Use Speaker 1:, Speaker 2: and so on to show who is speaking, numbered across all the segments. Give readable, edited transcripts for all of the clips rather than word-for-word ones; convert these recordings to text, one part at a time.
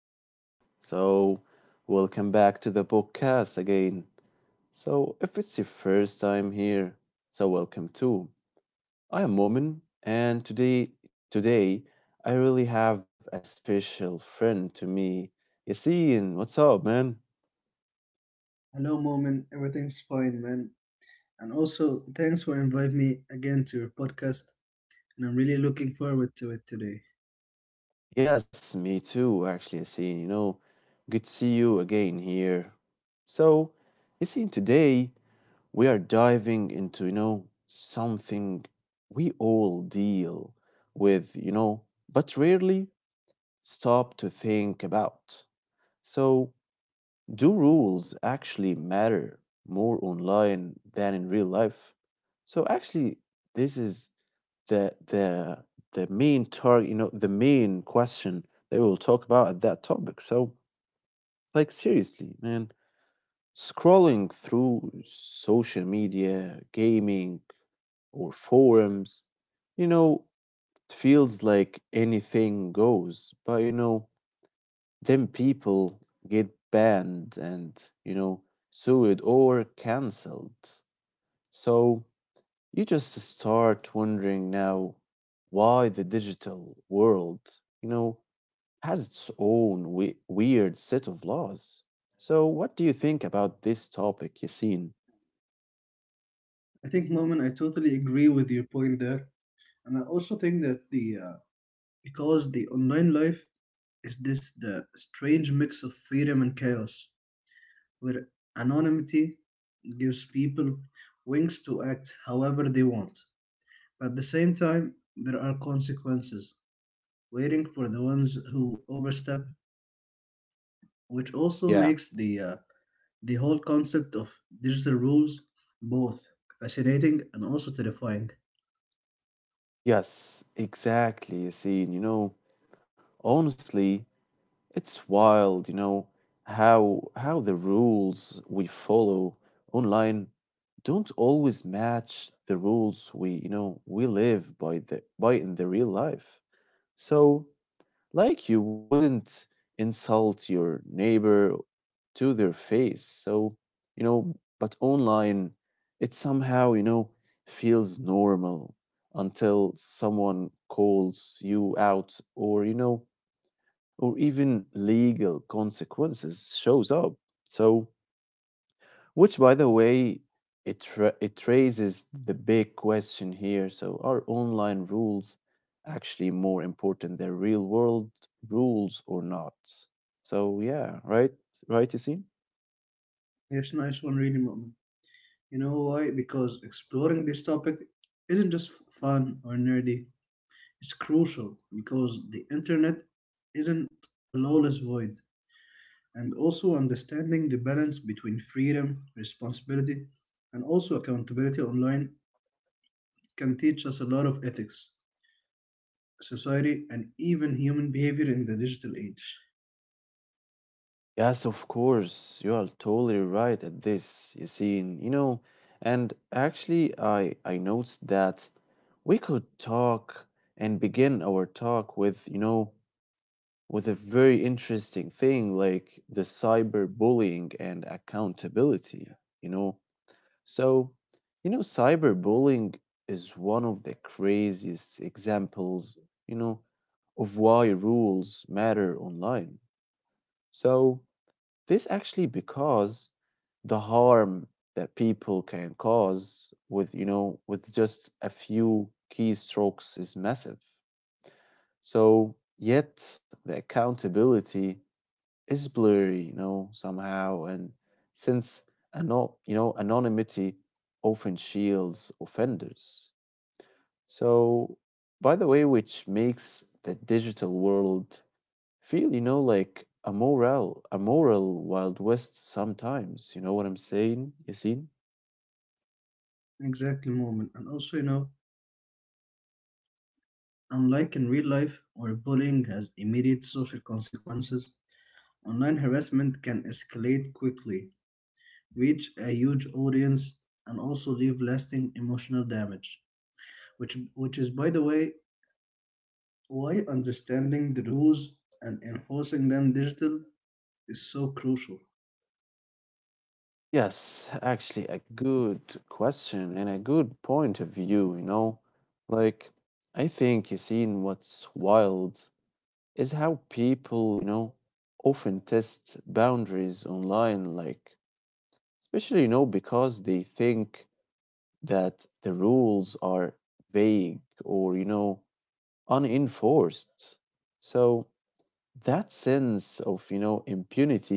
Speaker 1: everybody? Welcome back to the podcast again. So, if it's your first time here, welcome too. I am Momin, and today, I really have a special friend to me, Yassine. What's up, man?
Speaker 2: Hello, Moment. Everything's fine, man. And also, thanks for inviting me again to your podcast. And I'm really looking forward to it today.
Speaker 1: Yes, me too, actually, Yassine. You know, good to see you again here. So, Yassine, today we are diving into, you know, something we all deal with, you know, but rarely stop to think about. So, do rules actually matter more online than in real life? So, actually, this is the the the main target, you know, the main question that we'll talk about at that topic. So, like seriously, man, scrolling through social media, gaming, or forums. You know, it feels like anything goes, but then people get banned and, you know, sued or cancelled. So you just start wondering now why the digital world, you know, has its own weird set of laws. So, what do you think about this topic, Yassine?
Speaker 2: I think, Moment, I totally agree with your point there. And I also think that the because the online life is this the strange mix of freedom and chaos, where anonymity gives people wings to act however they want. But at the same time, there are consequences waiting for the ones who overstep, which also
Speaker 1: Yeah,
Speaker 2: makes the whole concept of digital rules, both fascinating and also terrifying.
Speaker 1: yes, exactly, Yassine. You know, honestly, it's wild, you know, how the rules we follow online don't always match the rules we, you know, we live by the by in the real life. So, like you wouldn't insult your neighbor to their face. So, you know, but online it somehow, you know, feels normal until someone calls you out or, you know, or even legal consequences shows up. So, which by the way, it it raises the big question here. So, are online rules actually more important than real world rules or not? So, yeah, right, Yassine?
Speaker 2: It's a nice one really, Moment. You know why? Because exploring this topic isn't just fun or nerdy. It's crucial because the internet isn't a lawless void. And also understanding the balance between freedom, responsibility, and also accountability online can teach us a lot of ethics, society, and even human behavior in the digital age.
Speaker 1: Yes, of course, you are totally right at this, Yassine. You know, and actually, I noticed that we could talk and begin our talk with, you know, with a very interesting thing like the cyberbullying and accountability, you know. So, you know, cyberbullying is one of the craziest examples, you know, of why rules matter online. So, this actually because the harm that people can cause with, you know, with just a few keystrokes is massive. So, yet the accountability is blurry, you know, somehow. And since you know, anonymity often shields offenders. So, by the way, which makes the digital world feel, you know, like a moral Wild West sometimes. You know what I'm saying, Yasin?
Speaker 2: Exactly, Moment. And also, you know, unlike in real life, where bullying has immediate social consequences, online harassment can escalate quickly, reach a huge audience, and also leave lasting emotional damage. Which is, by the way, why understanding the rules and enforcing them digital is so crucial.
Speaker 1: Yes, actually, a good question and a good point of view, you know. Like, I think, Yasin, what's wild is how people, you know, often test boundaries online, like, especially, you know, because they think that the rules are vague or, you know, unenforced. So that sense of, you know, impunity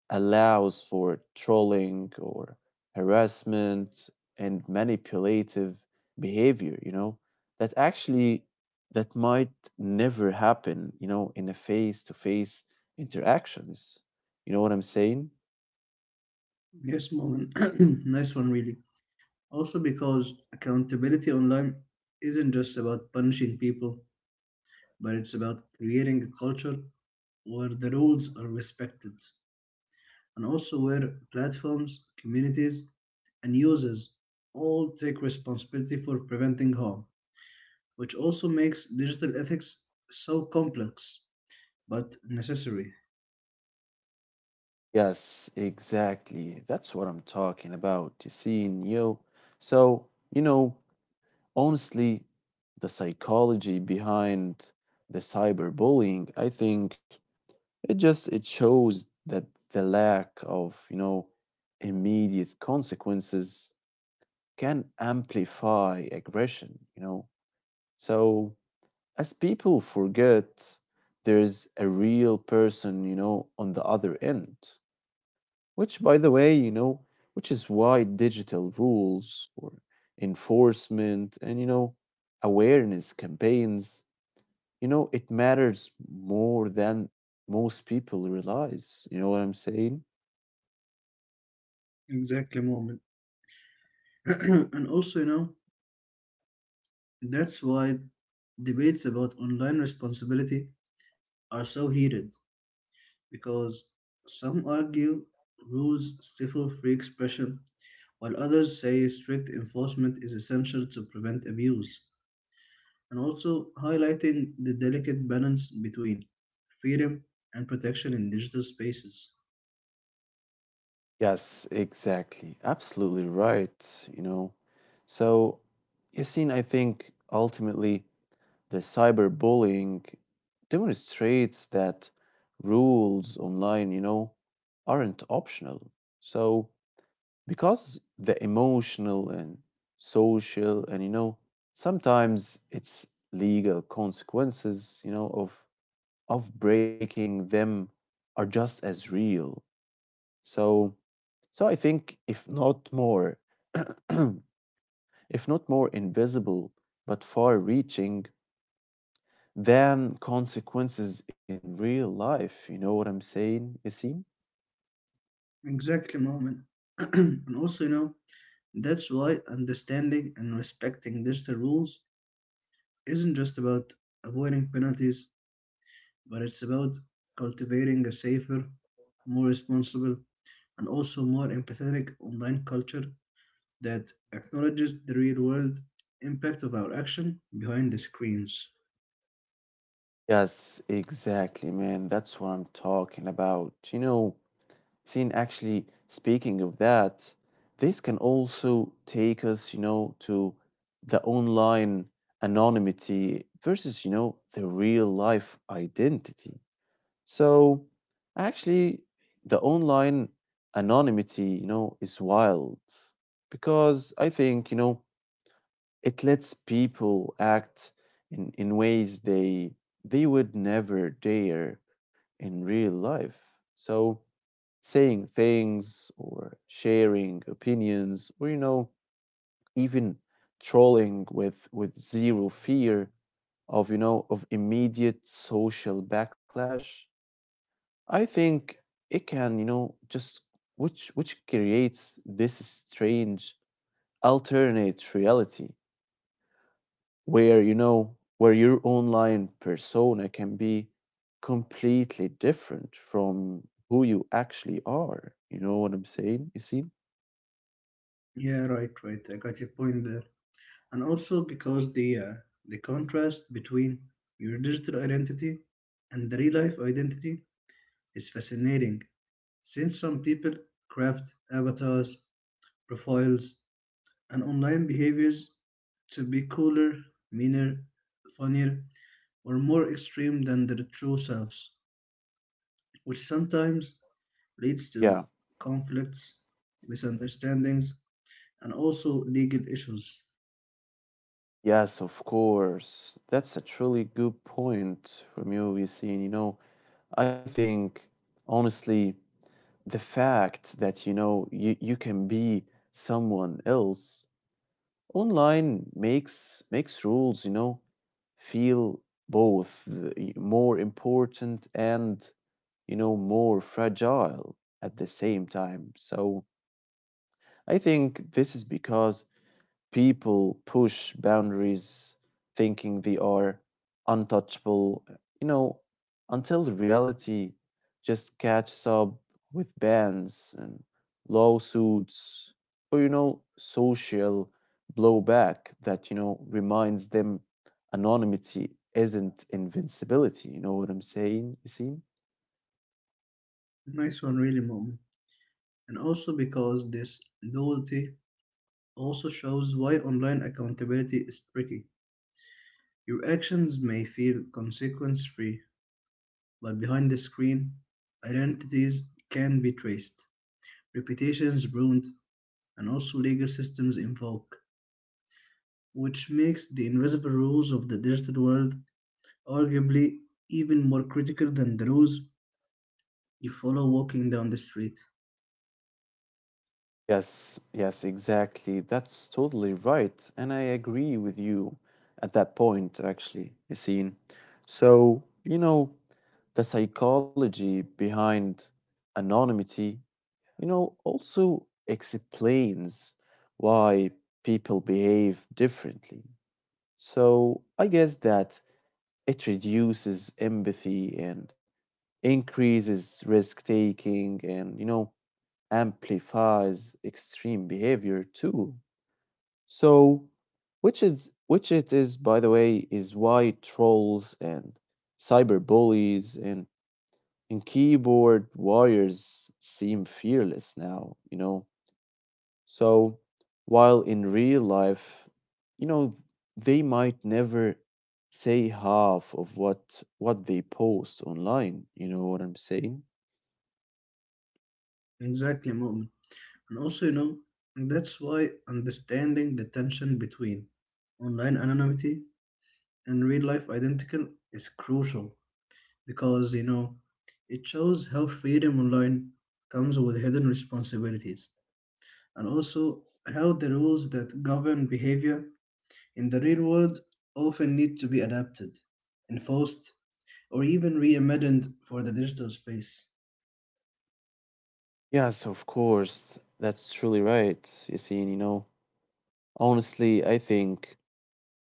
Speaker 1: allows for trolling or harassment and manipulative behavior, you know, that actually that might never happen, you know, in a face to face interactions. You know what I'm saying?
Speaker 2: Yes, Moment. Nice one, really. Also, because accountability online isn't just about punishing people, but it's about creating a culture where the rules are respected and also where platforms, communities, and users all take responsibility for preventing harm, which also makes digital ethics so complex but necessary.
Speaker 1: Yes, exactly, that's what I'm talking about. You see, yo, so you know, honestly, the psychology behind the cyberbullying, I think it just it shows that the lack of, you know, immediate consequences can amplify aggression, you know. So as people forget there's a real person, you know, on the other end, which by the way, you know, which is why digital rules or enforcement and you know awareness campaigns, you know, it matters more than most people realize. You know what I'm saying?
Speaker 2: Exactly, Moment. And also, you know, that's why debates about online responsibility are so heated because some argue rules stifle free expression, while others say strict enforcement is essential to prevent abuse. And also highlighting the delicate balance between freedom and protection in digital spaces.
Speaker 1: Yes, exactly. Absolutely right. You know, so Yassine, I think ultimately the cyberbullying demonstrates that rules online, you know, aren't optional. So because the emotional and social and you know sometimes it's legal consequences, you know, of breaking them are just as real. So so I think if not more, if not more invisible, but far reaching than consequences in real life. You know what I'm saying, Yasin?
Speaker 2: Exactly, Moment. And also, you know, that's why understanding and respecting digital rules isn't just about avoiding penalties, but it's about cultivating a safer, more responsible, and also more empathetic online culture that acknowledges the real world impact of our action behind the screens.
Speaker 1: Yes, exactly, man. That's what I'm talking about. You know, Yasin, actually, speaking of that, this can also take us, you know, to the online anonymity versus, you know, the real life identity. So actually, the online anonymity, you know, is wild because I think, you know, it lets people act in ways they would never dare in real life. So saying things or sharing opinions or you know even trolling with zero fear of you know of immediate social backlash, I think it can, you know, just which creates this strange alternate reality where you know where your online persona can be completely different from who you actually are. You know what I'm saying? You see?
Speaker 2: Yeah, right, right. I got your point there. And also because the contrast between your digital identity and the real life identity is fascinating since some people craft avatars, profiles, and online behaviors to be cooler, meaner, funnier, or more extreme than their true selves, which sometimes leads
Speaker 1: Yeah.
Speaker 2: to conflicts, misunderstandings, and also legal issues.
Speaker 1: Yes, of course. That's a truly good point from you, Yassine. You know, I think honestly the fact that you know you can be someone else online makes rules you know feel both more important and you know more fragile at the same time. So I think this is because people push boundaries thinking they are untouchable, you know, until the reality just catches up with bans and lawsuits or, you know, social blowback that, you know, reminds them anonymity isn't invincibility. You know what I'm saying? You see?
Speaker 2: Nice one really, Mom. And also because this loyalty also shows why online accountability is tricky. Your actions may feel consequence free, but behind the screen, identities can be traced, reputations ruined, and also legal systems invoked, which makes the invisible rules of the digital world arguably even more critical than the rules you follow walking down the street.
Speaker 1: Yes, exactly. That's totally right. And I agree with you at that point, actually, Yassine. So, you know, the psychology behind anonymity, you know, also explains why people behave differently. So I guess that it reduces empathy and increases risk taking and, you know, amplifies extreme behavior too. So, which it is, by the way, is why trolls and cyberbullies and keyboard warriors seem fearless now. You know, so while in real life, you know, they might never say half of what they post online. You know what I'm saying?
Speaker 2: Exactly, Mu'min. And also, you know, that's why understanding the tension between online anonymity and real life identical is crucial because, you know, it shows how freedom online comes with hidden responsibilities and also how the rules that govern behavior in the real world often need to be adapted, enforced, or even reimagined for the digital space.
Speaker 1: Yes, of course. That's truly right, Yasin. You know, honestly, I think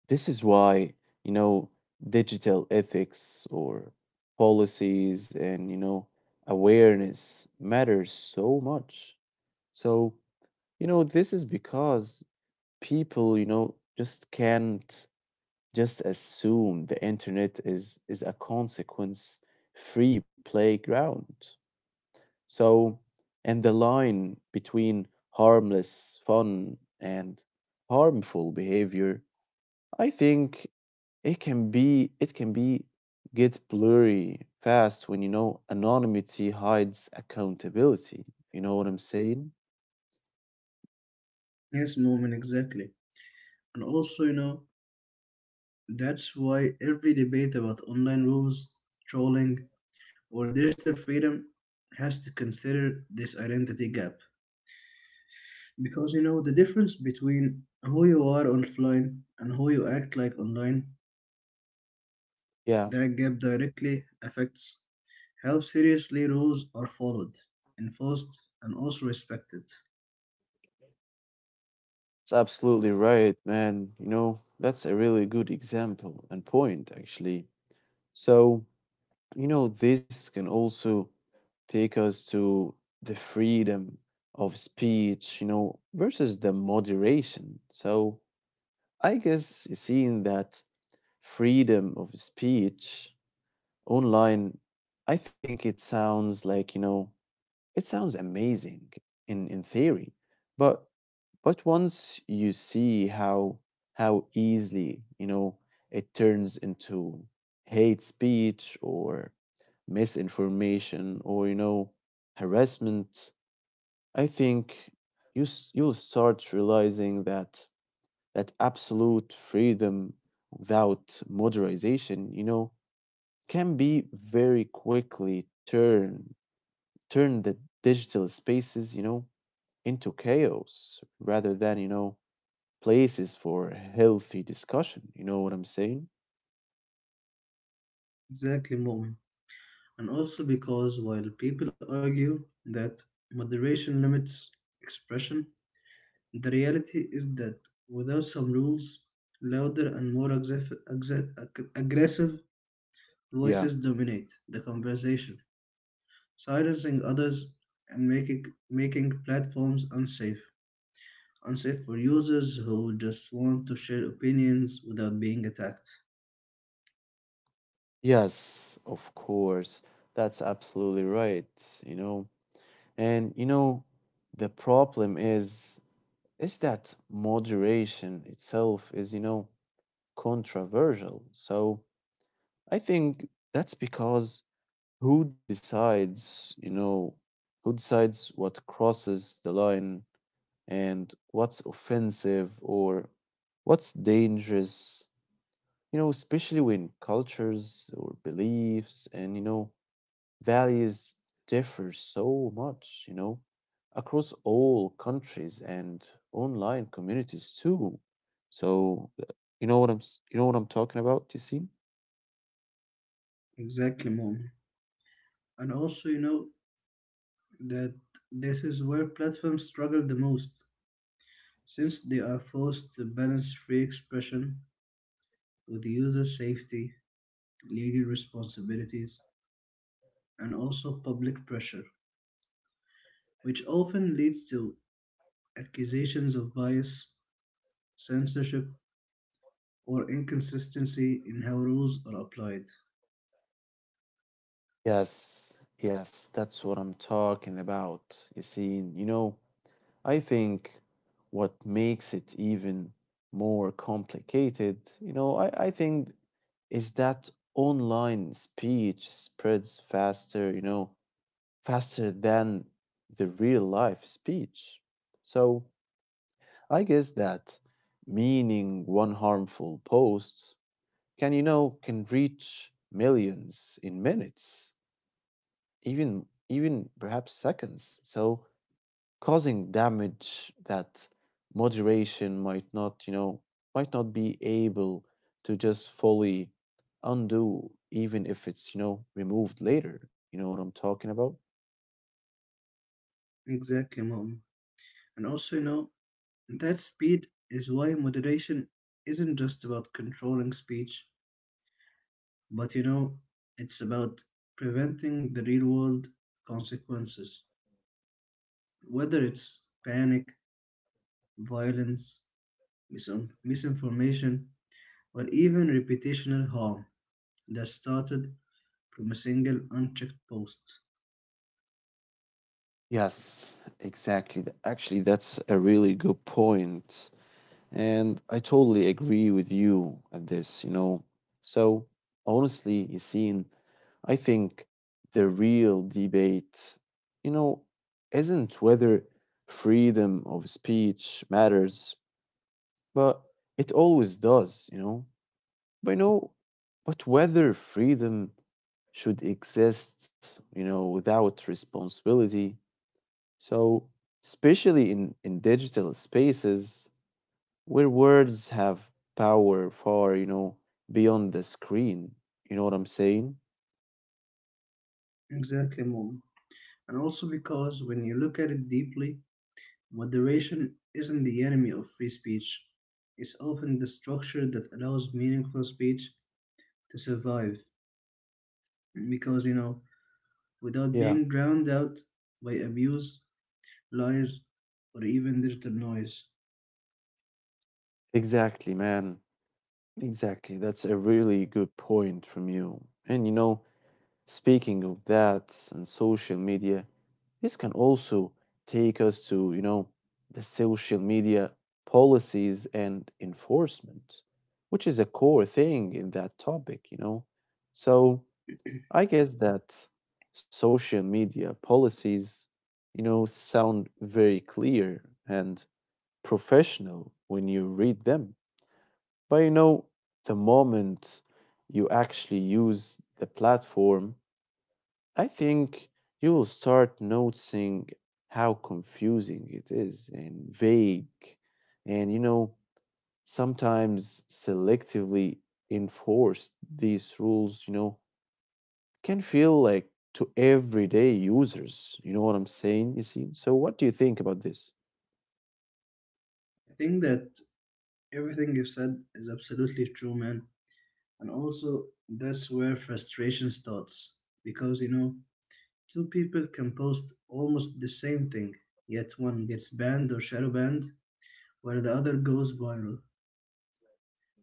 Speaker 1: this is why, you know, digital ethics or policies and, you know, awareness matters so much. So, you know, this is because people, you know, just can't just assume the internet is a consequence-free playground. So, and the line between harmless fun and harmful behavior, I think it can be get blurry fast when you know anonymity hides accountability. You know what I'm saying?
Speaker 2: Yes, Moment, exactly. And also, you know, that's why every debate about online rules, trolling, or digital freedom has to consider this identity gap. Because, you know, the difference between who you are offline and who you act like online,
Speaker 1: Yeah,
Speaker 2: that gap directly affects how seriously rules are followed, enforced, and also respected.
Speaker 1: it's absolutely right, man. You know, that's a really good example and point actually. So, you know, this can also take us to the freedom of speech, you know, versus the moderation. So I guess seeing that freedom of speech online, I think it sounds like, you know, it sounds amazing in theory. But but once you see how easily, you know, it turns into hate speech or misinformation or you know harassment, I think you'll start realizing that absolute freedom without moderation you know can be very quickly turn the digital spaces you know into chaos rather than you know places for healthy discussion. You know what I'm saying?
Speaker 2: Exactly, Mu'min. And also because while people argue that moderation limits expression, the reality is that without some rules, louder and more aggressive
Speaker 1: Yeah,
Speaker 2: voices dominate the conversation, silencing others and making platforms unsafe. Unsafe for users who just want to share opinions without being attacked.
Speaker 1: yes, of course, that's absolutely right, you know. And you know, the problem is that moderation itself is, you know, controversial. So I think that's because who decides, you know, who decides what crosses the line and what's offensive or what's dangerous, you know, especially when cultures or beliefs and, you know, values differ so much, you know, across all countries and online communities too. So, you know what I'm talking about, Yassine?
Speaker 2: Exactly, Mom. And also, you know, that this is where platforms struggle the most, since they are forced to balance free expression with user safety, legal responsibilities, and also public pressure, which often leads to accusations of bias, censorship, or inconsistency in how rules are applied.
Speaker 1: Yes, that's what I'm talking about, Yassine. You know, I think what makes it even more complicated, you know, I think is that online speech spreads faster, you know, faster than the real life speech. So I guess that meaning one harmful post can you know can reach millions in minutes, even perhaps seconds. So causing damage that moderation might not you know might not be able to just fully undo even if it's you know removed later. You know what I'm talking about?
Speaker 2: Exactly, Mom. And also, you know, that speed is why moderation isn't just about controlling speech, but, you know, it's about preventing the real world consequences. Whether it's panic, violence, misinformation, or even reputational harm that started from a single unchecked post.
Speaker 1: Yes, exactly. Actually, that's a really good point, and I totally agree with you at this, you know. So, honestly, Yassine, I think the real debate, you know, isn't whether freedom of speech matters. But it always does, you know. But whether freedom should exist, you know, without responsibility. So, especially in digital spaces where words have power far, you know, beyond the screen. You know what I'm saying?
Speaker 2: Exactly, Mom. And also because when you look at it deeply, moderation isn't the enemy of free speech. It's often the structure that allows meaningful speech to survive. Because, you know, without
Speaker 1: Yeah,
Speaker 2: being drowned out by abuse, lies, or even digital noise.
Speaker 1: exactly, man. Exactly. That's a really good point from you. And you know, speaking of that and social media, this can also take us to, you know, the social media policies and enforcement, which is a core thing in that topic, you know. So I guess that social media policies, you know, sound very clear and professional when you read them. But you know, the moment you actually use the platform, I think you will start noticing how confusing it is and vague and, you know, sometimes selectively enforced these rules, you know, can feel like to everyday users. You know what I'm saying, you see? So, what do you think about this?
Speaker 2: I think that everything you've said is absolutely true, man. And also, that's where frustration starts. Because, you know, two people can post almost the same thing, yet one gets banned or shadow banned, while the other goes viral,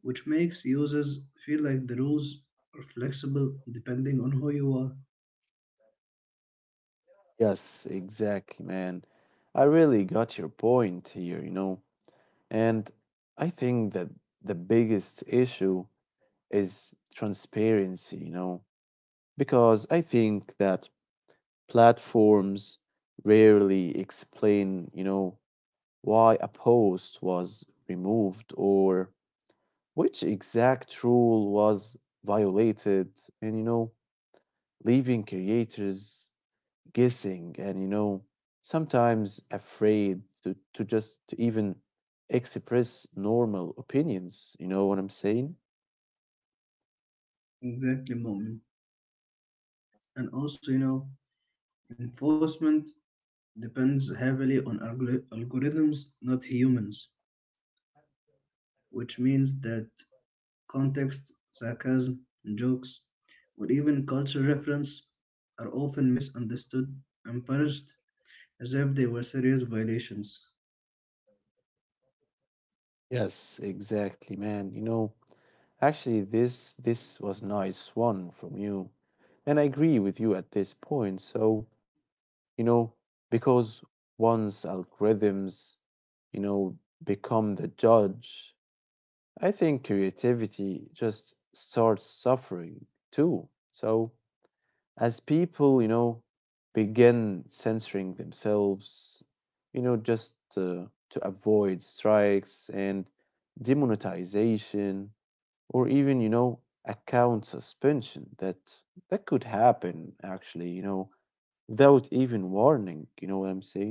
Speaker 2: which makes users feel like the rules are flexible depending on who you are.
Speaker 1: Yes, exactly, man. I really got your point here, you know. And I think that the biggest issue is transparency, you know. Because I think that platforms rarely explain, you know, why a post was removed or which exact rule was violated, and, you know, leaving creators guessing and, you know, sometimes afraid to just to even express normal opinions. You know what I'm saying?
Speaker 2: Exactly, Moment. And also, you know, enforcement depends heavily on algorithms, not humans, which means that context, sarcasm, jokes, or even cultural reference are often misunderstood and punished as if they were serious violations.
Speaker 1: Yes, exactly, man. You know, actually, this was nice one from you, and I agree with you at this point. So, you know, because once algorithms, you know, become the judge, I think creativity just starts suffering too. So, as people, you know, begin censoring themselves, you know, just to avoid strikes and demonetization, or even, you know, account suspension that could happen actually, you know, without even warning. You know what I'm saying?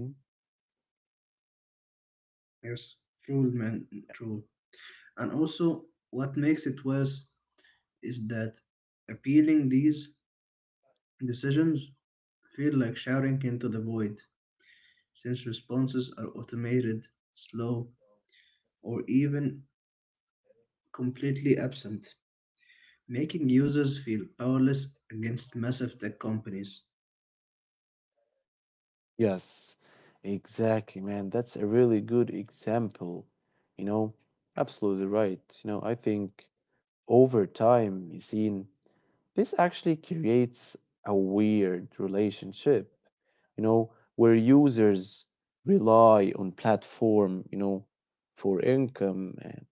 Speaker 2: Yes, true, man, true. And also, what makes it worse is that appealing these decisions feel like shouting into the void, since responses are automated, slow, or even completely absent, making users feel powerless against massive tech companies.
Speaker 1: Yes, exactly, man, that's a really good example, you know. Absolutely right. You know, I think over time, you see, this actually creates a weird relationship, you know, where users rely on platform, you know, for income and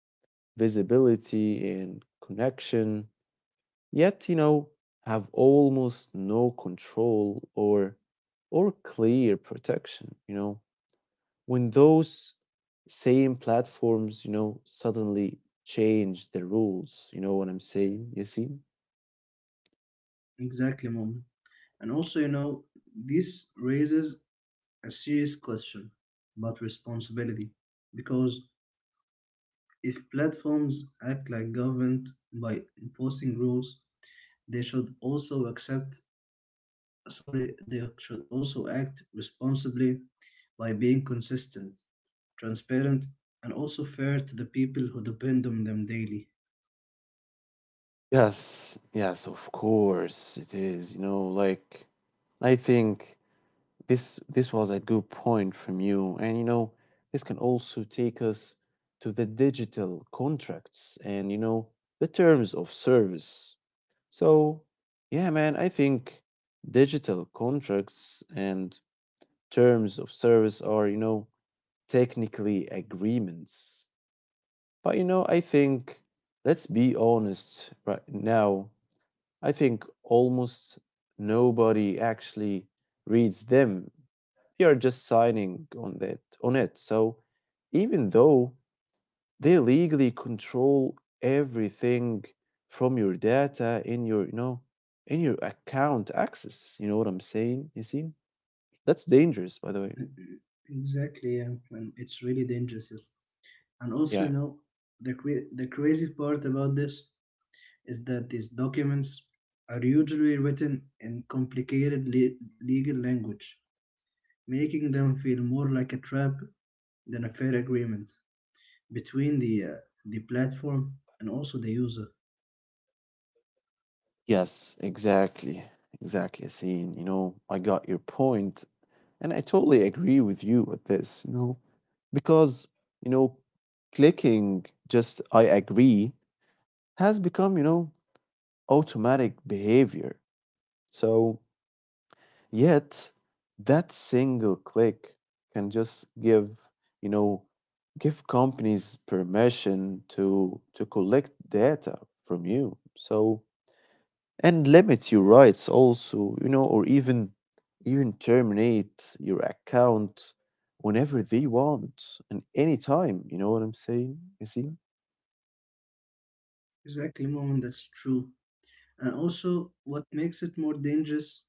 Speaker 1: visibility and connection, yet, you know, have almost no control or clear protection, you know, when those same platforms, you know, suddenly change the rules. You know what I'm saying? You see?
Speaker 2: Exactly, Mom. And also, you know, this raises a serious question about responsibility. Because if platforms act like government by enforcing rules, they should also accept, sorry, they should also act responsibly by being consistent, transparent, and also fair to the people who depend on them daily.
Speaker 1: Yes, yes, of course it is, you know, like I think this was a good point from you, and you know, this can also take us to the digital contracts and, you know, the terms of service. So yeah, man, I think digital contracts and terms of service are, you know, technically agreements, but, you know, I think let's be honest right now, I think almost nobody actually reads them. They are just signing on that on it. So even though they legally control everything from your data in your, in your account access. You know what I'm saying, Yasin? That's dangerous, by the way.
Speaker 2: Exactly, yeah. And it's really dangerous, yes. And also, you
Speaker 1: Yeah.
Speaker 2: know, the the crazy part about this is that these documents are usually written in complicated legal language, making them feel more like a trap than a fair agreement between the platform and also the user.
Speaker 1: Yes, exactly. Exactly, Yasin. You know, I got your point, and I totally agree with you with this, you know. Because, you know, clicking just "I agree" has become, you know, automatic behavior. So yet that single click can just give, you know, give companies permission to collect data from you, so, and limit your rights also, you know, or even terminate your account whenever they want and anytime. You know what I'm saying? You see?
Speaker 2: Exactly, Moment, that's true. And also, what makes it more dangerous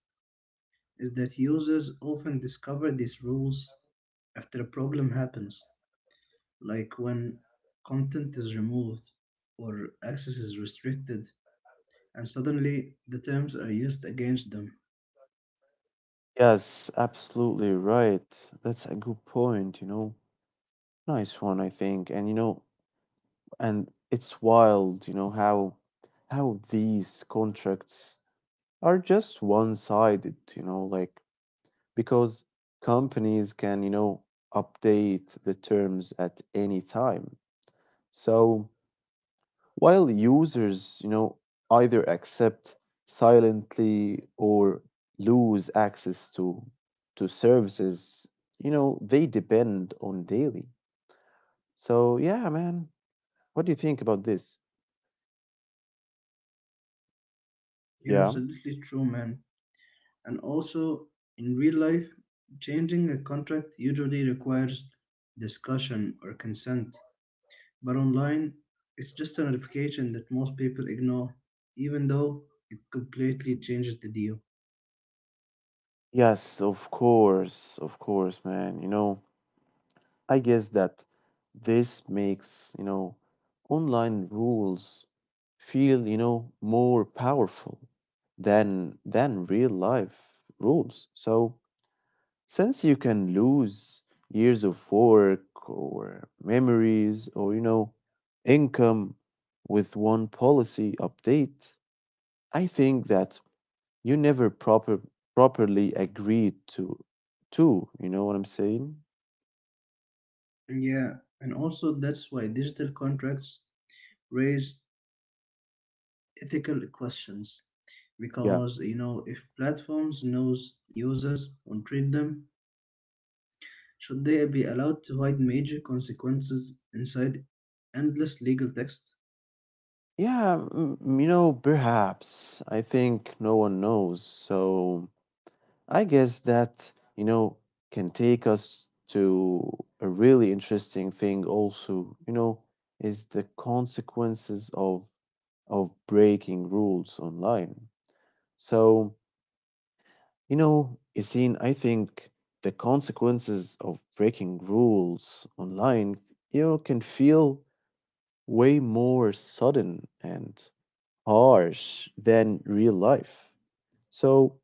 Speaker 2: is that users often discover these rules after a problem happens, like when content is removed or access is restricted, and suddenly the terms are used against them.
Speaker 1: Yes, absolutely right. That's a good point, you know. Nice one, I think. And, you know, and it's wild, you know, how these contracts are just one-sided, you know, like because companies can, you know, update the terms at any time. So while users, you know, either accept silently or lose access to services, you know, they depend on daily. So yeah, man, what do you think about this?
Speaker 2: You're
Speaker 1: Yeah.
Speaker 2: absolutely true, man. And also, in real life, changing a contract usually requires discussion or consent, but online, it's just a notification that most people ignore, even though it completely changes the deal.
Speaker 1: Yes, of course, man. You know, I guess that this makes, you know, online rules feel, you know, more powerful than real life rules. So since you can lose years of work or memories or, you know, income with one policy update, I think that you never properly agreed to, you know what I'm saying?
Speaker 2: And yeah, and also that's why digital contracts raise ethical questions,
Speaker 1: Yeah.
Speaker 2: because, you know, if platforms knows users and treat them, should they be allowed to hide major consequences inside endless legal text?
Speaker 1: Yeah, you know, perhaps. I think no one knows. So I guess that, you know, can take us to a really interesting thing also, you know, is the consequences of breaking rules online. So, you know, Yassine, I think the consequences of breaking rules online, you know, can feel way more sudden and harsh than real life. So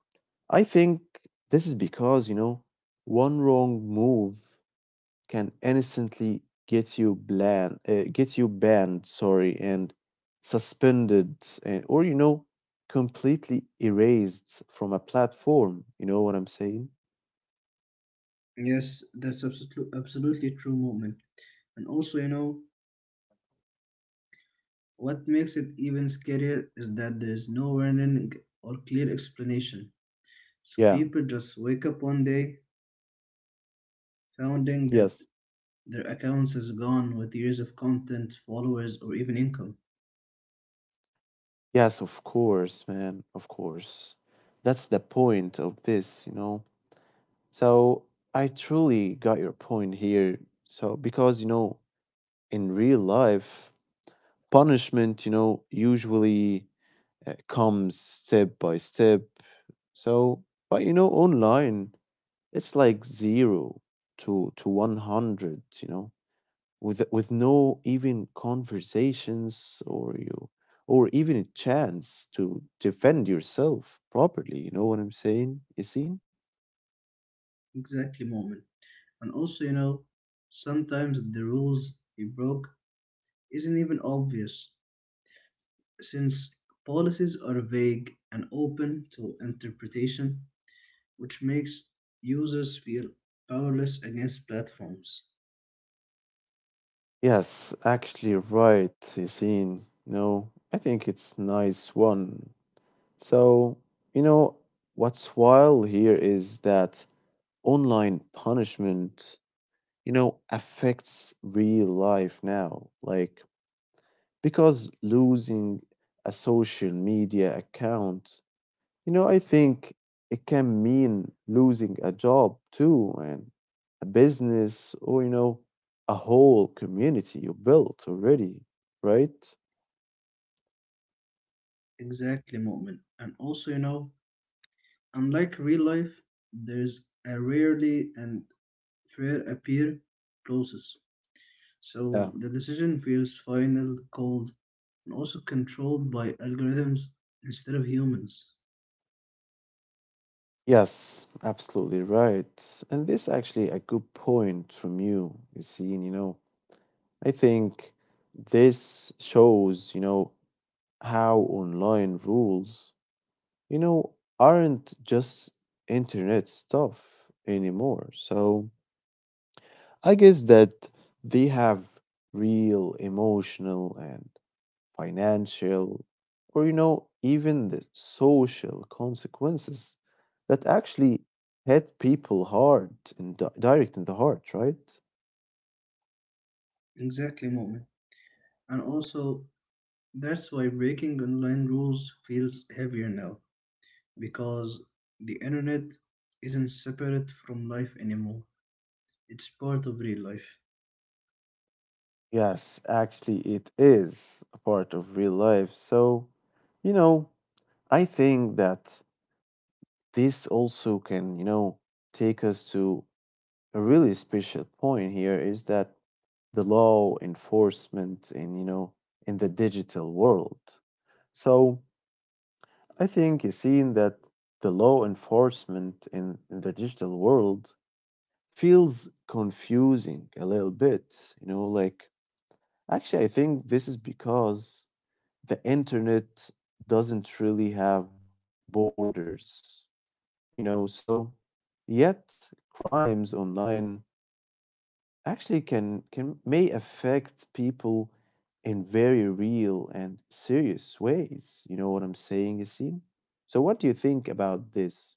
Speaker 1: I think this is because, you know, one wrong move can instantly get you banned, sorry, and suspended, and, or, you know, completely erased from a platform. You know what I'm saying?
Speaker 2: Yes, that's absolutely absolutely true, Moment. And also, you know, what makes it even scarier is that there is no warning or clear explanation, so
Speaker 1: Yeah,
Speaker 2: people just wake up one day finding
Speaker 1: yes.
Speaker 2: that their accounts is gone with years of content, followers, or even income.
Speaker 1: Yes, of course, man, of course. That's the point of this, you know. So I truly got your point here. So, because, you know, in real life, punishment, you know, usually comes step by step. So, but, you know, online, it's like zero to 100, you know, with no even conversations or you or even a chance to defend yourself properly. You know what I'm saying, Yasin?
Speaker 2: Exactly, Moment. And also, you know, sometimes the rules you broke isn't even obvious, since policies are vague and open to interpretation, which makes users feel powerless against platforms.
Speaker 1: Yes, actually right, Yasin. No, I think it's nice one. So, you know, what's wild here is that online punishment, you know, affects real life now. Like, because losing a social media account, you know, I think it can mean losing a job too, and a business, or, you know, a whole community you built already, right?
Speaker 2: Exactly, Moment. And also, you know, unlike real life, there's a rarely and fair appeal process.
Speaker 1: Yeah.
Speaker 2: So the decision feels final, cold, and also controlled by algorithms instead of humans.
Speaker 1: Yes, absolutely right. And this actually a good point from you, Yassine. You know, I think this shows, you know, how online rules, you know, aren't just internet stuff anymore. So I guess that they have real emotional and financial, or, you know, even the social consequences that actually hit people hard and direct in the heart, right?
Speaker 2: Exactly, Moment. And also, that's why breaking online rules feels heavier now because the internet isn't separate from life anymore. It's part of real life.
Speaker 1: Yes, actually, it is a part of real life. So, you know, I think that this also can, you know, take us to a really special point here is that the law enforcement in, you know, in the digital world. So, I think seeing that the law enforcement in the digital world feels confusing a little bit, you know, like actually, I think this is because the internet doesn't really have borders, you know, so yet crimes online actually can may affect people in very real and serious ways. You know what I'm saying, Yassine? So what do you think about this?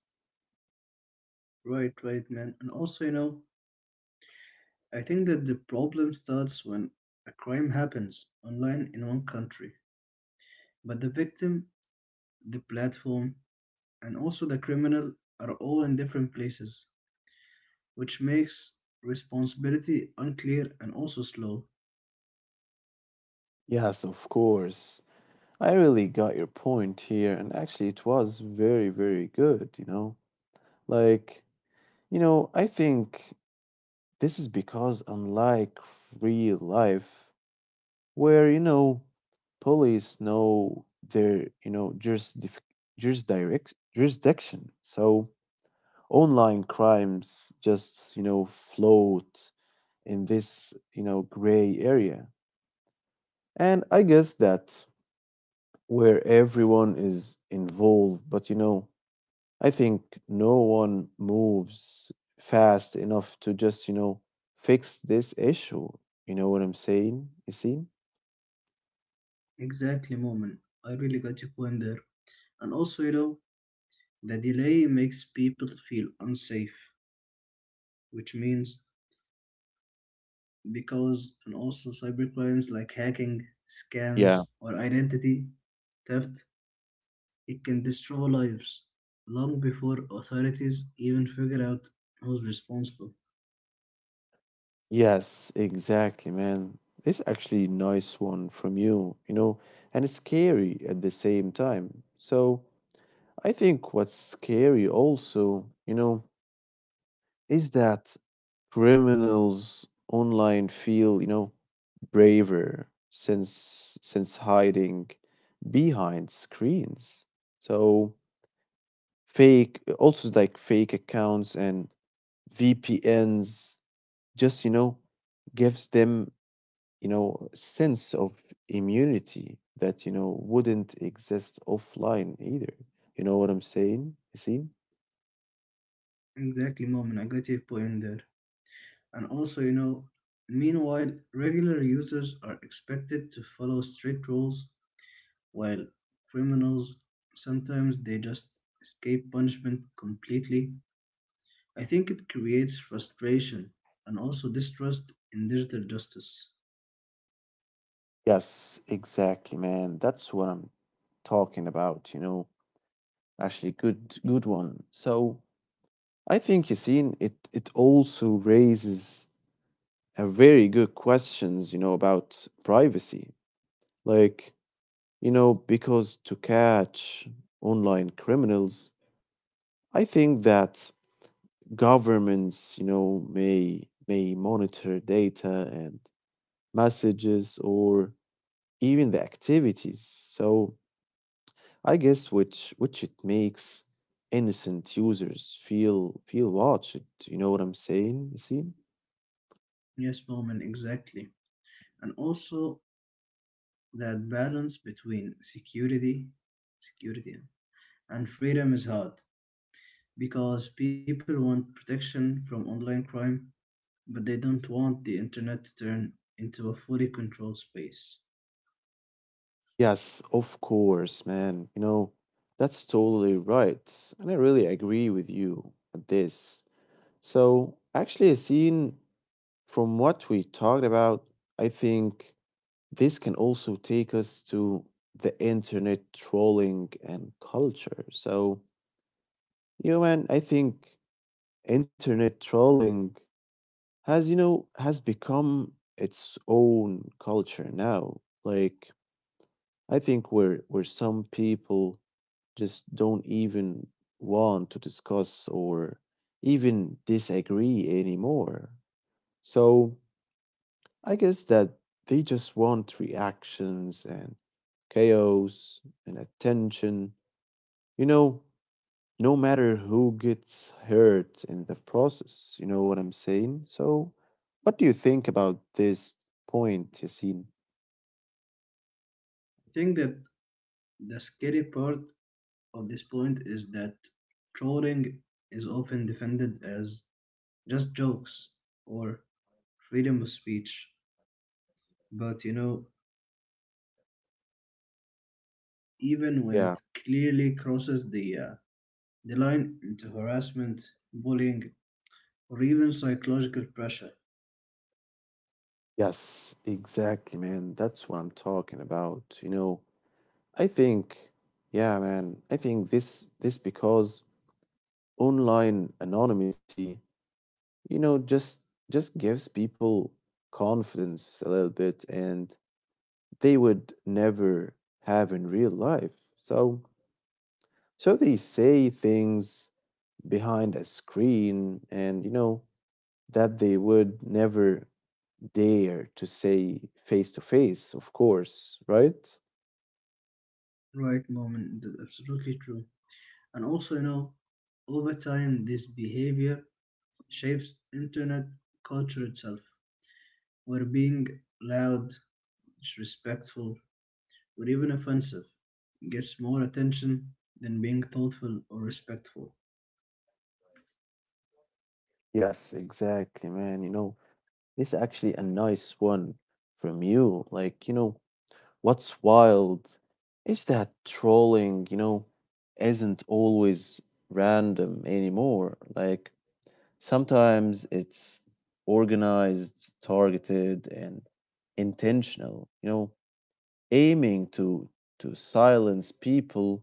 Speaker 2: Right, right, man. And also, you know, I think that the problem starts when a crime happens online in one country, but the victim, the platform, and also the criminal are all in different places, which makes responsibility unclear and also slow.
Speaker 1: Yes, of course. I really got your point here, and actually, it was very, very good, you know? Like, you know, I think this is because, unlike real life, where, you know, police know their, you know, jurisdiction, so online crimes just, you know, float in this, you know, gray area. And I guess that where everyone is involved. But, you know, I think no one moves fast enough to just, you know, fix this issue. You know what I'm saying? You see?
Speaker 2: Exactly, Moment. I really got your point there. And also, you know, the delay makes people feel unsafe, which means because, and also cybercrimes like hacking, scams,
Speaker 1: Yeah.
Speaker 2: or identity theft, it can destroy lives long before authorities even figure out who's responsible.
Speaker 1: Yes, exactly, man. This actually nice one from you, you know, and it's scary at the same time. So I think what's scary also, you know, is that criminals online feel, you know, braver since hiding behind screens. So fake also like fake accounts and VPNs just, you know, gives them, you know, sense of immunity that, you know, wouldn't exist offline either. You know what I'm saying? You see?
Speaker 2: Exactly, Moment. I got your point there. And also, you know, meanwhile, regular users are expected to follow strict rules while criminals sometimes they just escape punishment completely. I think it creates frustration and also distrust in digital justice.
Speaker 1: Yes, exactly, man. That's what I'm talking about, you know. Actually good one. So I think Yasin, it also raises a very good questions, you know, about privacy. Like, you know, because to catch online criminals, I think that governments, you know, may monitor data and messages or even the activities. So I guess which it makes innocent users feel watched. You know what I'm saying, Yasin?
Speaker 2: Yes, Moment, exactly. And also that balance between security and freedom is hard because people want protection from online crime but they don't want the internet to turn into a fully controlled space.
Speaker 1: Yes, of course, man. You know, that's totally right. And I really agree with you at this. So, actually, as seen from what we talked about, I think this can also take us to the internet trolling and culture. So, you know, man, I think internet trolling has, you know, has become its own culture now. Like, I think where some people just don't even want to discuss or even disagree anymore. So I guess that they just want reactions and chaos and attention. You know, no matter who gets hurt in the process. You know what I'm saying? So, what do you think about this point, Yasin?
Speaker 2: I think that the scary part of this point is that trolling is often defended as just jokes or freedom of speech, but, you know, even when it
Speaker 1: Yeah.
Speaker 2: clearly crosses the line into harassment, bullying, or even psychological pressure.
Speaker 1: Yes, exactly, man. That's what I'm talking about. You know, I think, yeah, man. I think this because online anonymity, you know, just gives people confidence a little bit, and they would never have in real life. So they say things behind a screen, and, you know, that they would never dare to say face to face. Of course, right?
Speaker 2: Right, Moment, that's absolutely true. And also, you know, over time, this behavior shapes internet culture itself, where being loud, disrespectful, or even offensive gets more attention than being thoughtful or respectful.
Speaker 1: Yes, exactly, man. You know, this is actually a nice one from you. Like, you know, what's wild is that trolling, you know, isn't always random anymore. Like, sometimes it's organized, targeted, and intentional, you know, aiming to silence people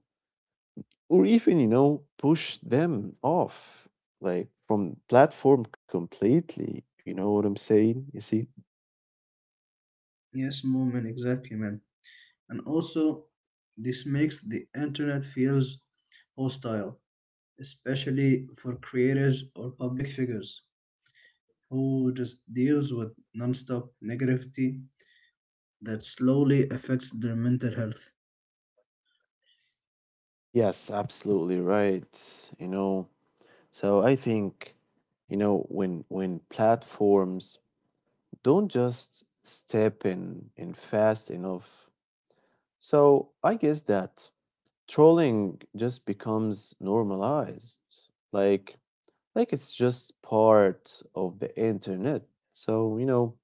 Speaker 1: or even, you know, push them off like from platform completely. You know what I'm saying? You see?
Speaker 2: Yes, Moment, exactly, man. And also, this makes the internet feels hostile, especially for creators or public figures who just deals with nonstop negativity that slowly affects their mental health.
Speaker 1: Yes, absolutely right. You know, so I think, you know, when platforms don't just step in fast enough, so I guess that trolling just becomes normalized. Like it's just part of the internet. So, you know,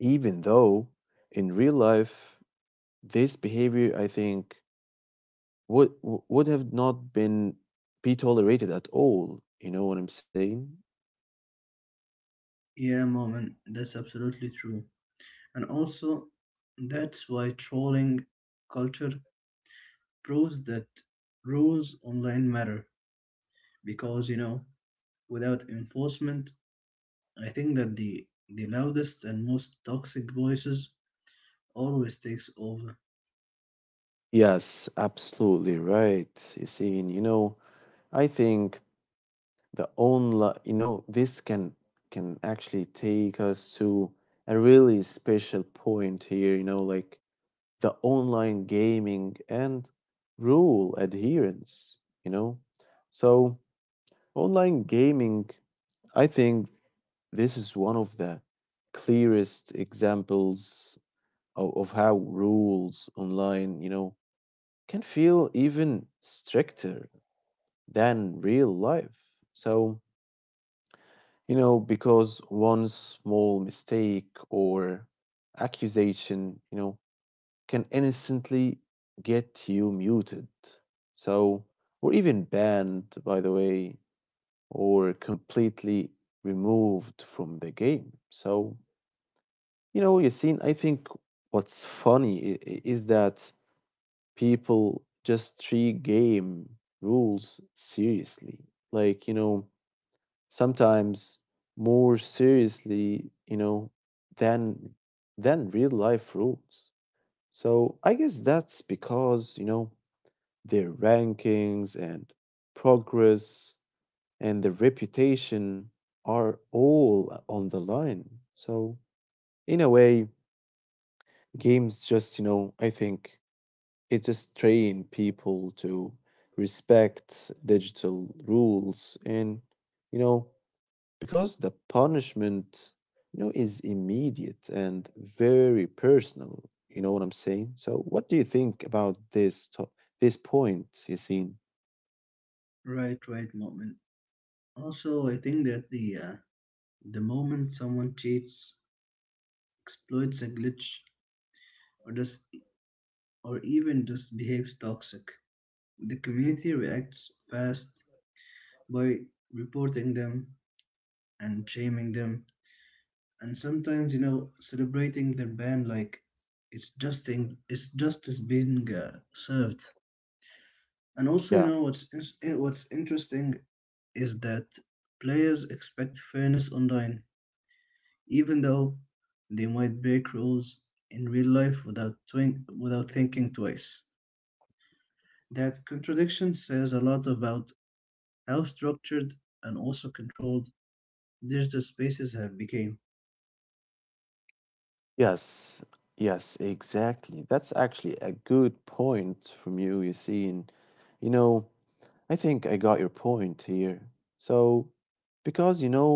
Speaker 1: even though in real life this behavior I think would have not been be tolerated at all. You know what I'm saying?
Speaker 2: Yeah, Moment, that's absolutely true. And also, that's why trolling culture proves that rules online matter because without enforcement, I think that the loudest and most toxic voices always takes over.
Speaker 1: Yes, absolutely right. You see, and you know, I think the online, you know, this can actually take us to a really special point here. You know, like the online gaming and rule adherence. You know, so online gaming, I think this is one of the clearest examples of how rules online, you know, can feel even stricter than real life. So, because one small mistake or accusation, can instantly get you muted. So, or even banned, by the way, or completely removed from the game. So, Yassine, I think what's funny is that people just treat game rules seriously. Like, sometimes more seriously, than real life rules. So I guess that's because, their rankings and progress and their reputation are all on the line. So in a way, games just, I think it just train people to respect digital rules, and you know because the punishment, is immediate and very personal. You know what I'm saying So what do you think about this this point, you seen
Speaker 2: Right, right, moment. Also, I think that the moment someone cheats, exploits a glitch, or does or even just behaves toxic, the community reacts fast by reporting them and shaming them and sometimes celebrating their ban like it's justice being served. And also
Speaker 1: yeah,
Speaker 2: what's interesting is that players expect fairness online even though they might break rules in real life without thinking twice. That contradiction says a lot about how structured and also controlled digital spaces have become.
Speaker 1: yes, yes, exactly, that's actually a good point from you, you seen you know I think I got your point here. So, because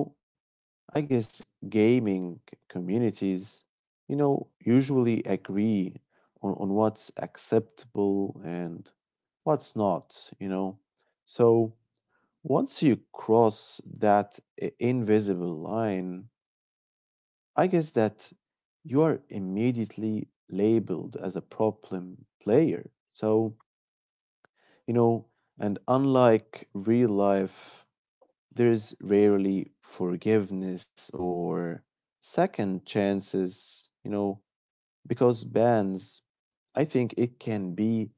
Speaker 1: I guess gaming communities, usually agree on what's acceptable and what's not, you know. So once you cross that invisible line, I guess that you are immediately labeled as a problem player. So, you know, and unlike real life there's rarely forgiveness or second chances, because bans, I think it can be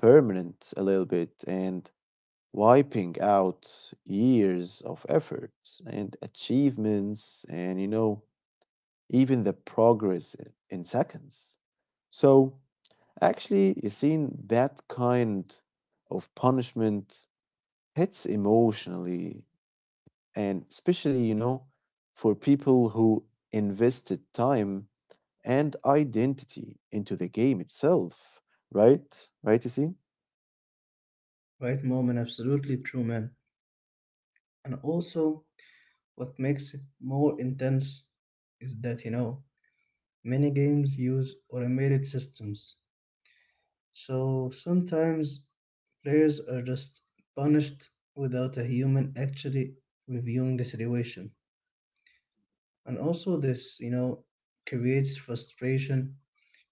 Speaker 1: permanent a little bit and wiping out years of effort and achievements and, even the progress in seconds. So, actually, you seen that kind of punishment hits emotionally and especially, for people who invested time and identity into the game itself, right? Right, you see?
Speaker 2: Right, mom, and absolutely true, man. And also, what makes it more intense is that, many games use automated systems. So sometimes players are just punished without a human actually reviewing the situation. And also, this, creates frustration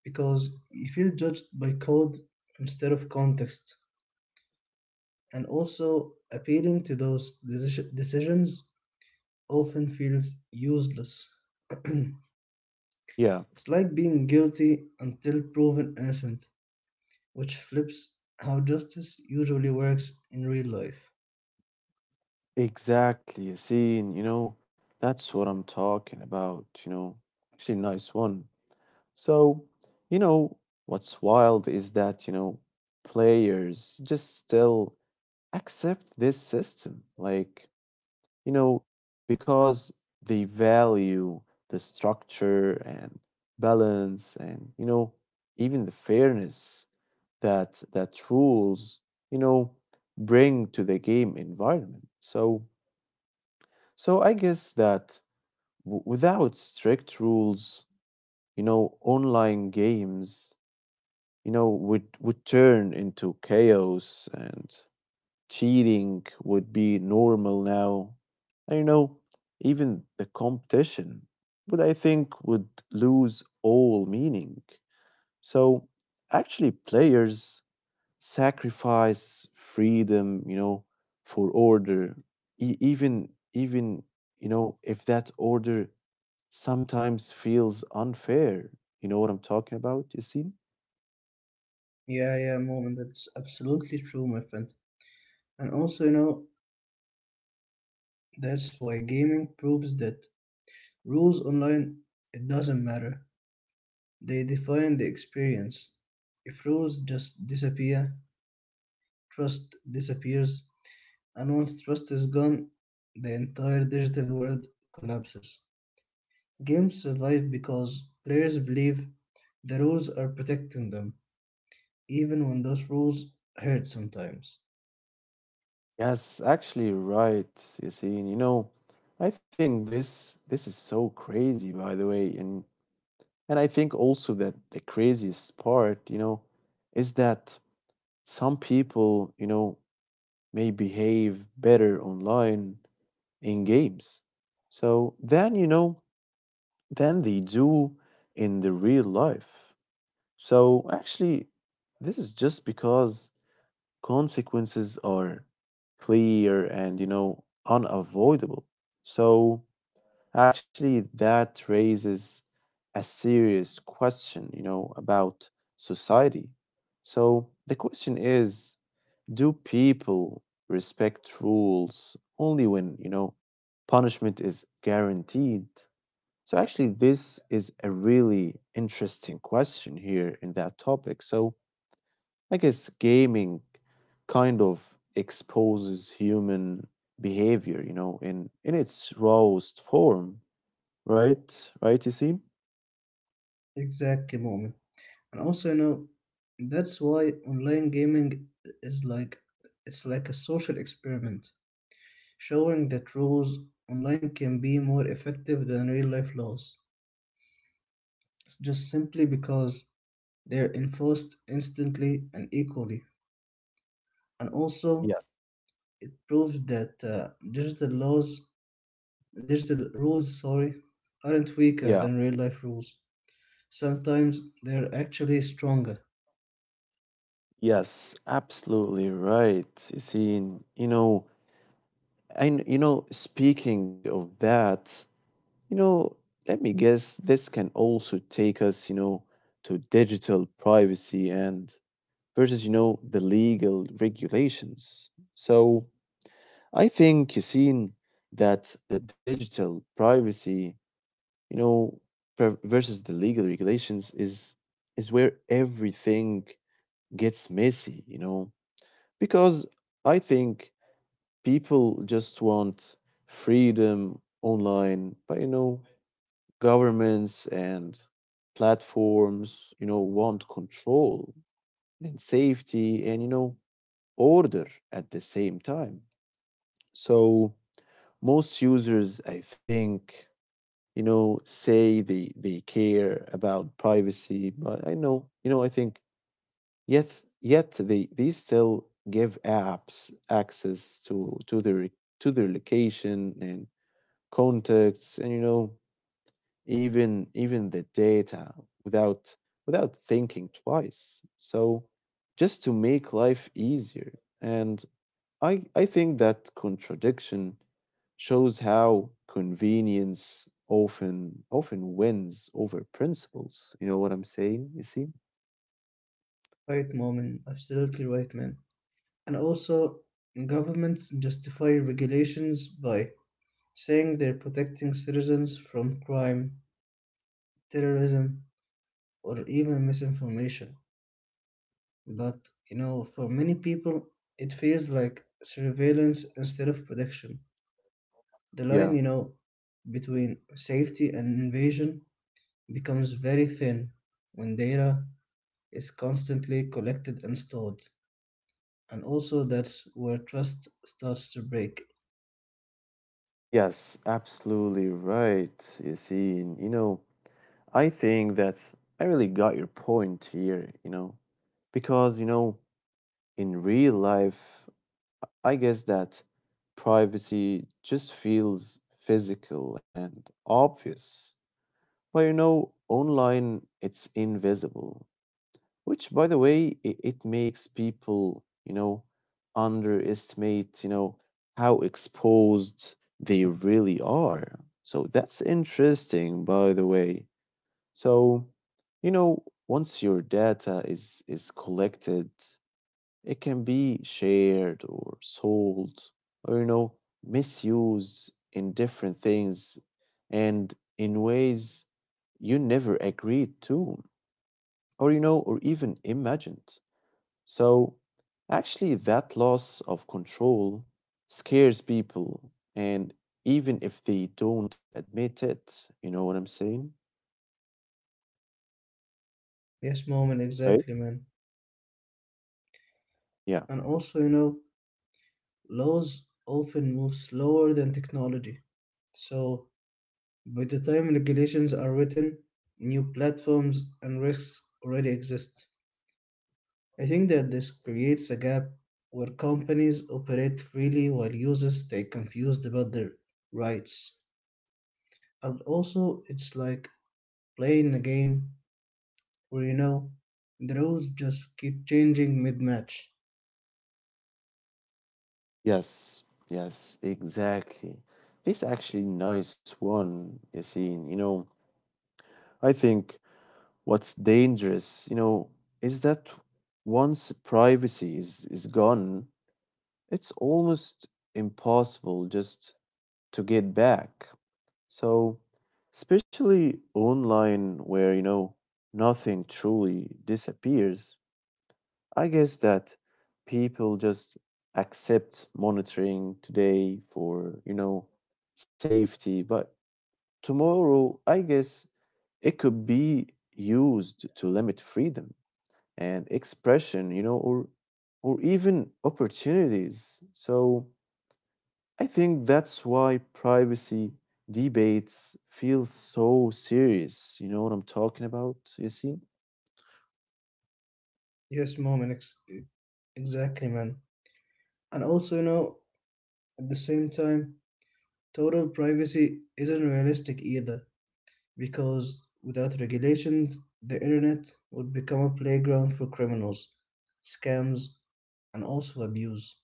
Speaker 2: because you feel judged by code instead of context. And also, appealing to decisions often feels useless.
Speaker 1: Yeah,
Speaker 2: It's like being guilty until proven innocent, which flips how justice usually works in real life.
Speaker 1: exactly, you see, and that's what I'm talking about, you know. Actually nice one. So, you know what's wild is that, players just still accept this system, like, you know, because they value the structure and balance and, even the fairness that rules, you know, bring to the game environment. So I guess that without strict rules, online games, would turn into chaos and cheating would be normal now. And, even the competition would, I think, would lose all meaning. So actually players sacrifice freedom, for order. Even you know, if that order sometimes feels unfair. You know what I'm talking about, you see?
Speaker 2: Yeah, yeah, moment. That's absolutely true, my friend. And also, that's why gaming proves that rules online, it doesn't matter. They define the experience. If rules just disappear, trust disappears, and once trust is gone, the entire digital world collapses. Games survive because players believe the rules are protecting them, even when those rules hurt sometimes.
Speaker 1: Yes, actually right, Yassine. You know, I think this is so crazy, by the way, and I think also that the craziest part, is that some people, may behave better online in games. So then, than they do in the real life. So actually, this is just because consequences are clear and, unavoidable. So actually that raises a serious question, about society. So the question is, do people respect rules only when, punishment is guaranteed? So actually this is a really interesting question here in that topic. So I guess gaming kind of exposes human behavior, in its rawest form, right? Right, you see?
Speaker 2: Exactly, moment. And also, that's why online gaming is like it's like a social experiment, showing that rules online can be more effective than real life laws, just simply because they're enforced instantly and equally. And also,
Speaker 1: Yes.
Speaker 2: it proves that digital laws, digital rules, sorry, aren't weaker
Speaker 1: Yeah.
Speaker 2: than real life rules. Sometimes they're actually stronger.
Speaker 1: Yes, absolutely right. You see, and, speaking of that, you know, let me guess, this can also take us, to digital privacy and versus, the legal regulations. So, I think, Yassine, that the digital privacy, you know, versus the legal regulations, is where everything gets messy, because I think people just want freedom online, but, governments and platforms, want control and safety and, order at the same time. So most users, I think, say they care about privacy, but I know, you know, I think, yes, yet they still give apps access to their to their location and contacts and, even the data without thinking twice. So just to make life easier and I think that contradiction shows how convenience often wins over principles. You know what I'm saying? You see?
Speaker 2: Right, Momin, absolutely right, man. And also, governments justify regulations by saying they're protecting citizens from crime, terrorism, or even misinformation. But for many people, it feels like surveillance instead of protection. The line,
Speaker 1: Yeah.
Speaker 2: between safety and invasion becomes very thin when data is constantly collected and stored. And also, that's where trust starts to break.
Speaker 1: Yes, absolutely right. You see, and, I think that I really got your point here, you know. Because, in real life, I guess that privacy just feels physical and obvious. But, online, it's invisible, which, by the way, it makes people, underestimate, how exposed they really are. So that's interesting, by the way. So, once your data is collected, it can be shared or sold or, misused in different things and in ways you never agreed to or, or even imagined. So, actually, that loss of control scares people, and even if they don't admit it, you know what I'm saying?
Speaker 2: Yes, moment,
Speaker 1: Right?
Speaker 2: exactly, man.
Speaker 1: Yeah.
Speaker 2: And also, laws often move slower than technology. So, by the time regulations are written, new platforms and risks already exist. I think that this creates a gap where companies operate freely while users stay confused about their rights. And also, it's like playing a game where the rules just keep changing mid match.
Speaker 1: Yes, yes, exactly. This actually nice one, Yassine. You know, I think what's dangerous, is that once privacy is gone, it's almost impossible just to get back. So, especially online where, nothing truly disappears, I guess that people just accept monitoring today for, safety, but tomorrow, I guess it could be used to limit freedom and expression, or even opportunities. So I think that's why privacy debates feel so serious. You know what I'm talking about, you see?
Speaker 2: Yes, mom, exactly, man. And also, at the same time, total privacy isn't realistic either because without regulations, the internet would become a playground for criminals, scams, and also abuse.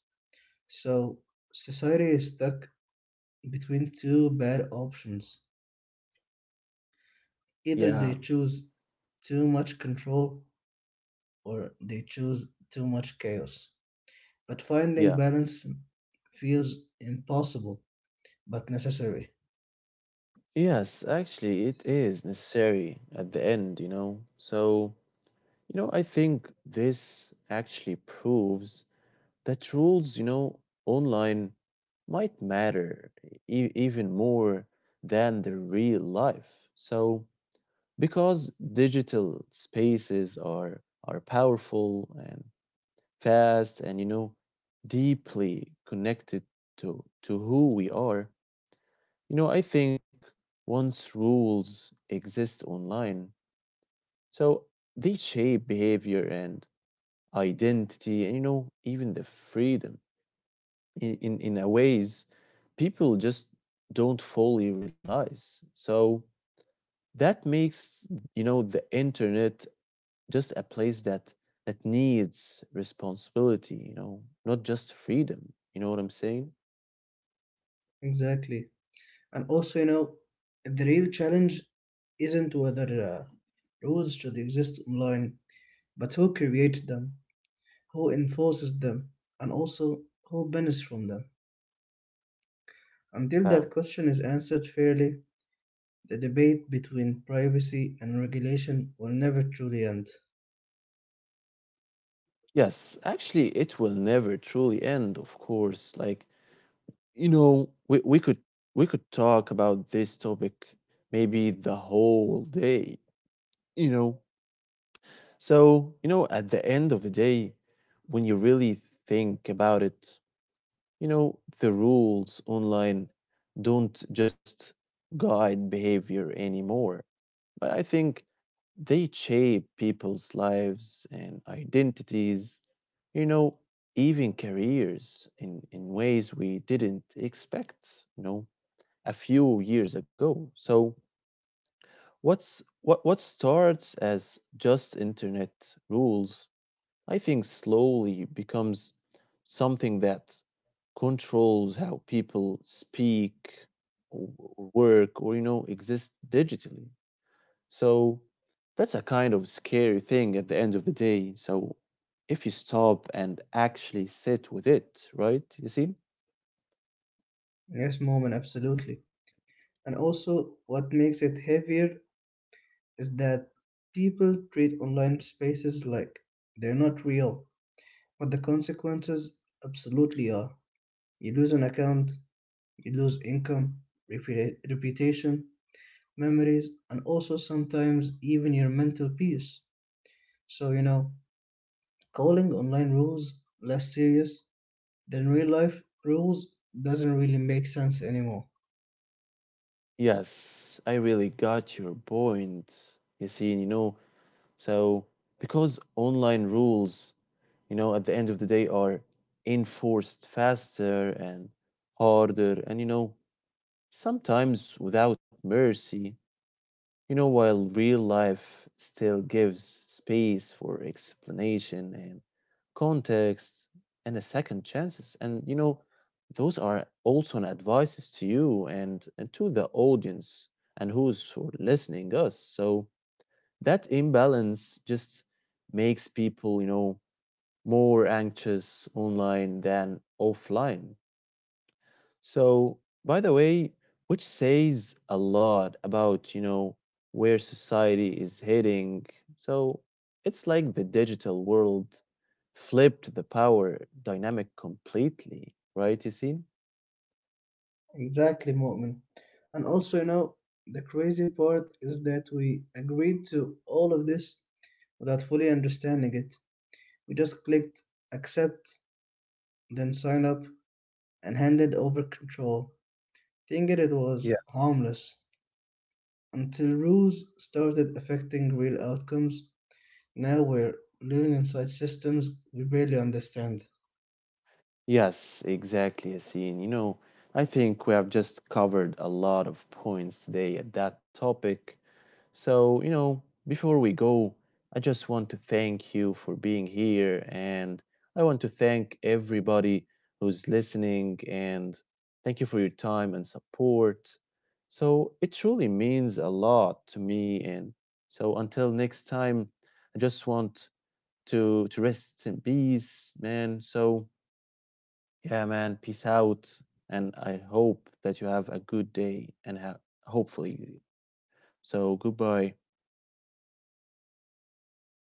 Speaker 2: So society is stuck between two bad options. Either
Speaker 1: Yeah,
Speaker 2: they choose too much control or they choose too much chaos. But finding
Speaker 1: yeah.
Speaker 2: balance feels impossible but necessary.
Speaker 1: Yes, actually, it is necessary at the end, you know? So, you know, I think this actually proves that rules, online might matter even more than the real life. So, because digital spaces are powerful and fast and, deeply connected to who we are, I think once rules exist online, so they shape behavior and identity, and, even the freedom in, in a ways people just don't fully realize. So that makes, the internet just a place that needs responsibility, not just freedom. You know what I'm saying?
Speaker 2: Exactly. And also, the real challenge isn't whether rules should exist online, but who creates them, who enforces them, and also who benefits from them. Until
Speaker 1: Yeah.
Speaker 2: that question is answered fairly, the debate between privacy and regulation will never truly end.
Speaker 1: Yes, actually, it will never truly end, of course. Like, we could we could talk about this topic maybe the whole day, you know. So, at the end of the day, when you really think about it, the rules online don't just guide behavior anymore, but I think they shape people's lives and identities, you know, even careers in, ways we didn't expect, a few years ago. So what starts as just internet rules, I think, slowly becomes something that controls how people speak or work, or, exist digitally. So that's a kind of scary thing at the end of the day. So, if you stop and actually sit with it, right? You see?
Speaker 2: Yes, Mom, and absolutely. And also, what makes it heavier is that people treat online spaces like they're not real. But the consequences absolutely are. You lose an account, you lose income, reputation, memories, and also sometimes even your mental peace. So, calling online rules less serious than real life rules doesn't really make sense anymore.
Speaker 1: Yes, I really got your point. You see, you know, so, because online rules, at the end of the day are enforced faster and harder, and, sometimes without mercy, while real life still gives space for explanation and context and a second chances. And, those are also an advices to you and, to the audience and who's for listening us. So, that imbalance just makes people, more anxious online than offline. So, by the way, which says a lot about, where society is heading. So, it's like the digital world flipped the power dynamic completely, right, Yassine?
Speaker 2: Exactly, Mu'min. And also, the crazy part is that we agreed to all of this without fully understanding it. We just clicked accept, then sign up, and handed over control, thinking it was harmless, until rules started affecting real outcomes. Now we're living inside systems we barely understand.
Speaker 1: Yes, exactly, Yasin. You know, I think we have just covered a lot of points today at that topic. So, before we go, I just want to thank you for being here, and I want to thank everybody who's listening and thank you for your time and support. So, it truly means a lot to me, and so until next time, I just want to rest in peace, man. So, yeah, man, peace out. And I hope that you have a good day and hopefully. So, goodbye.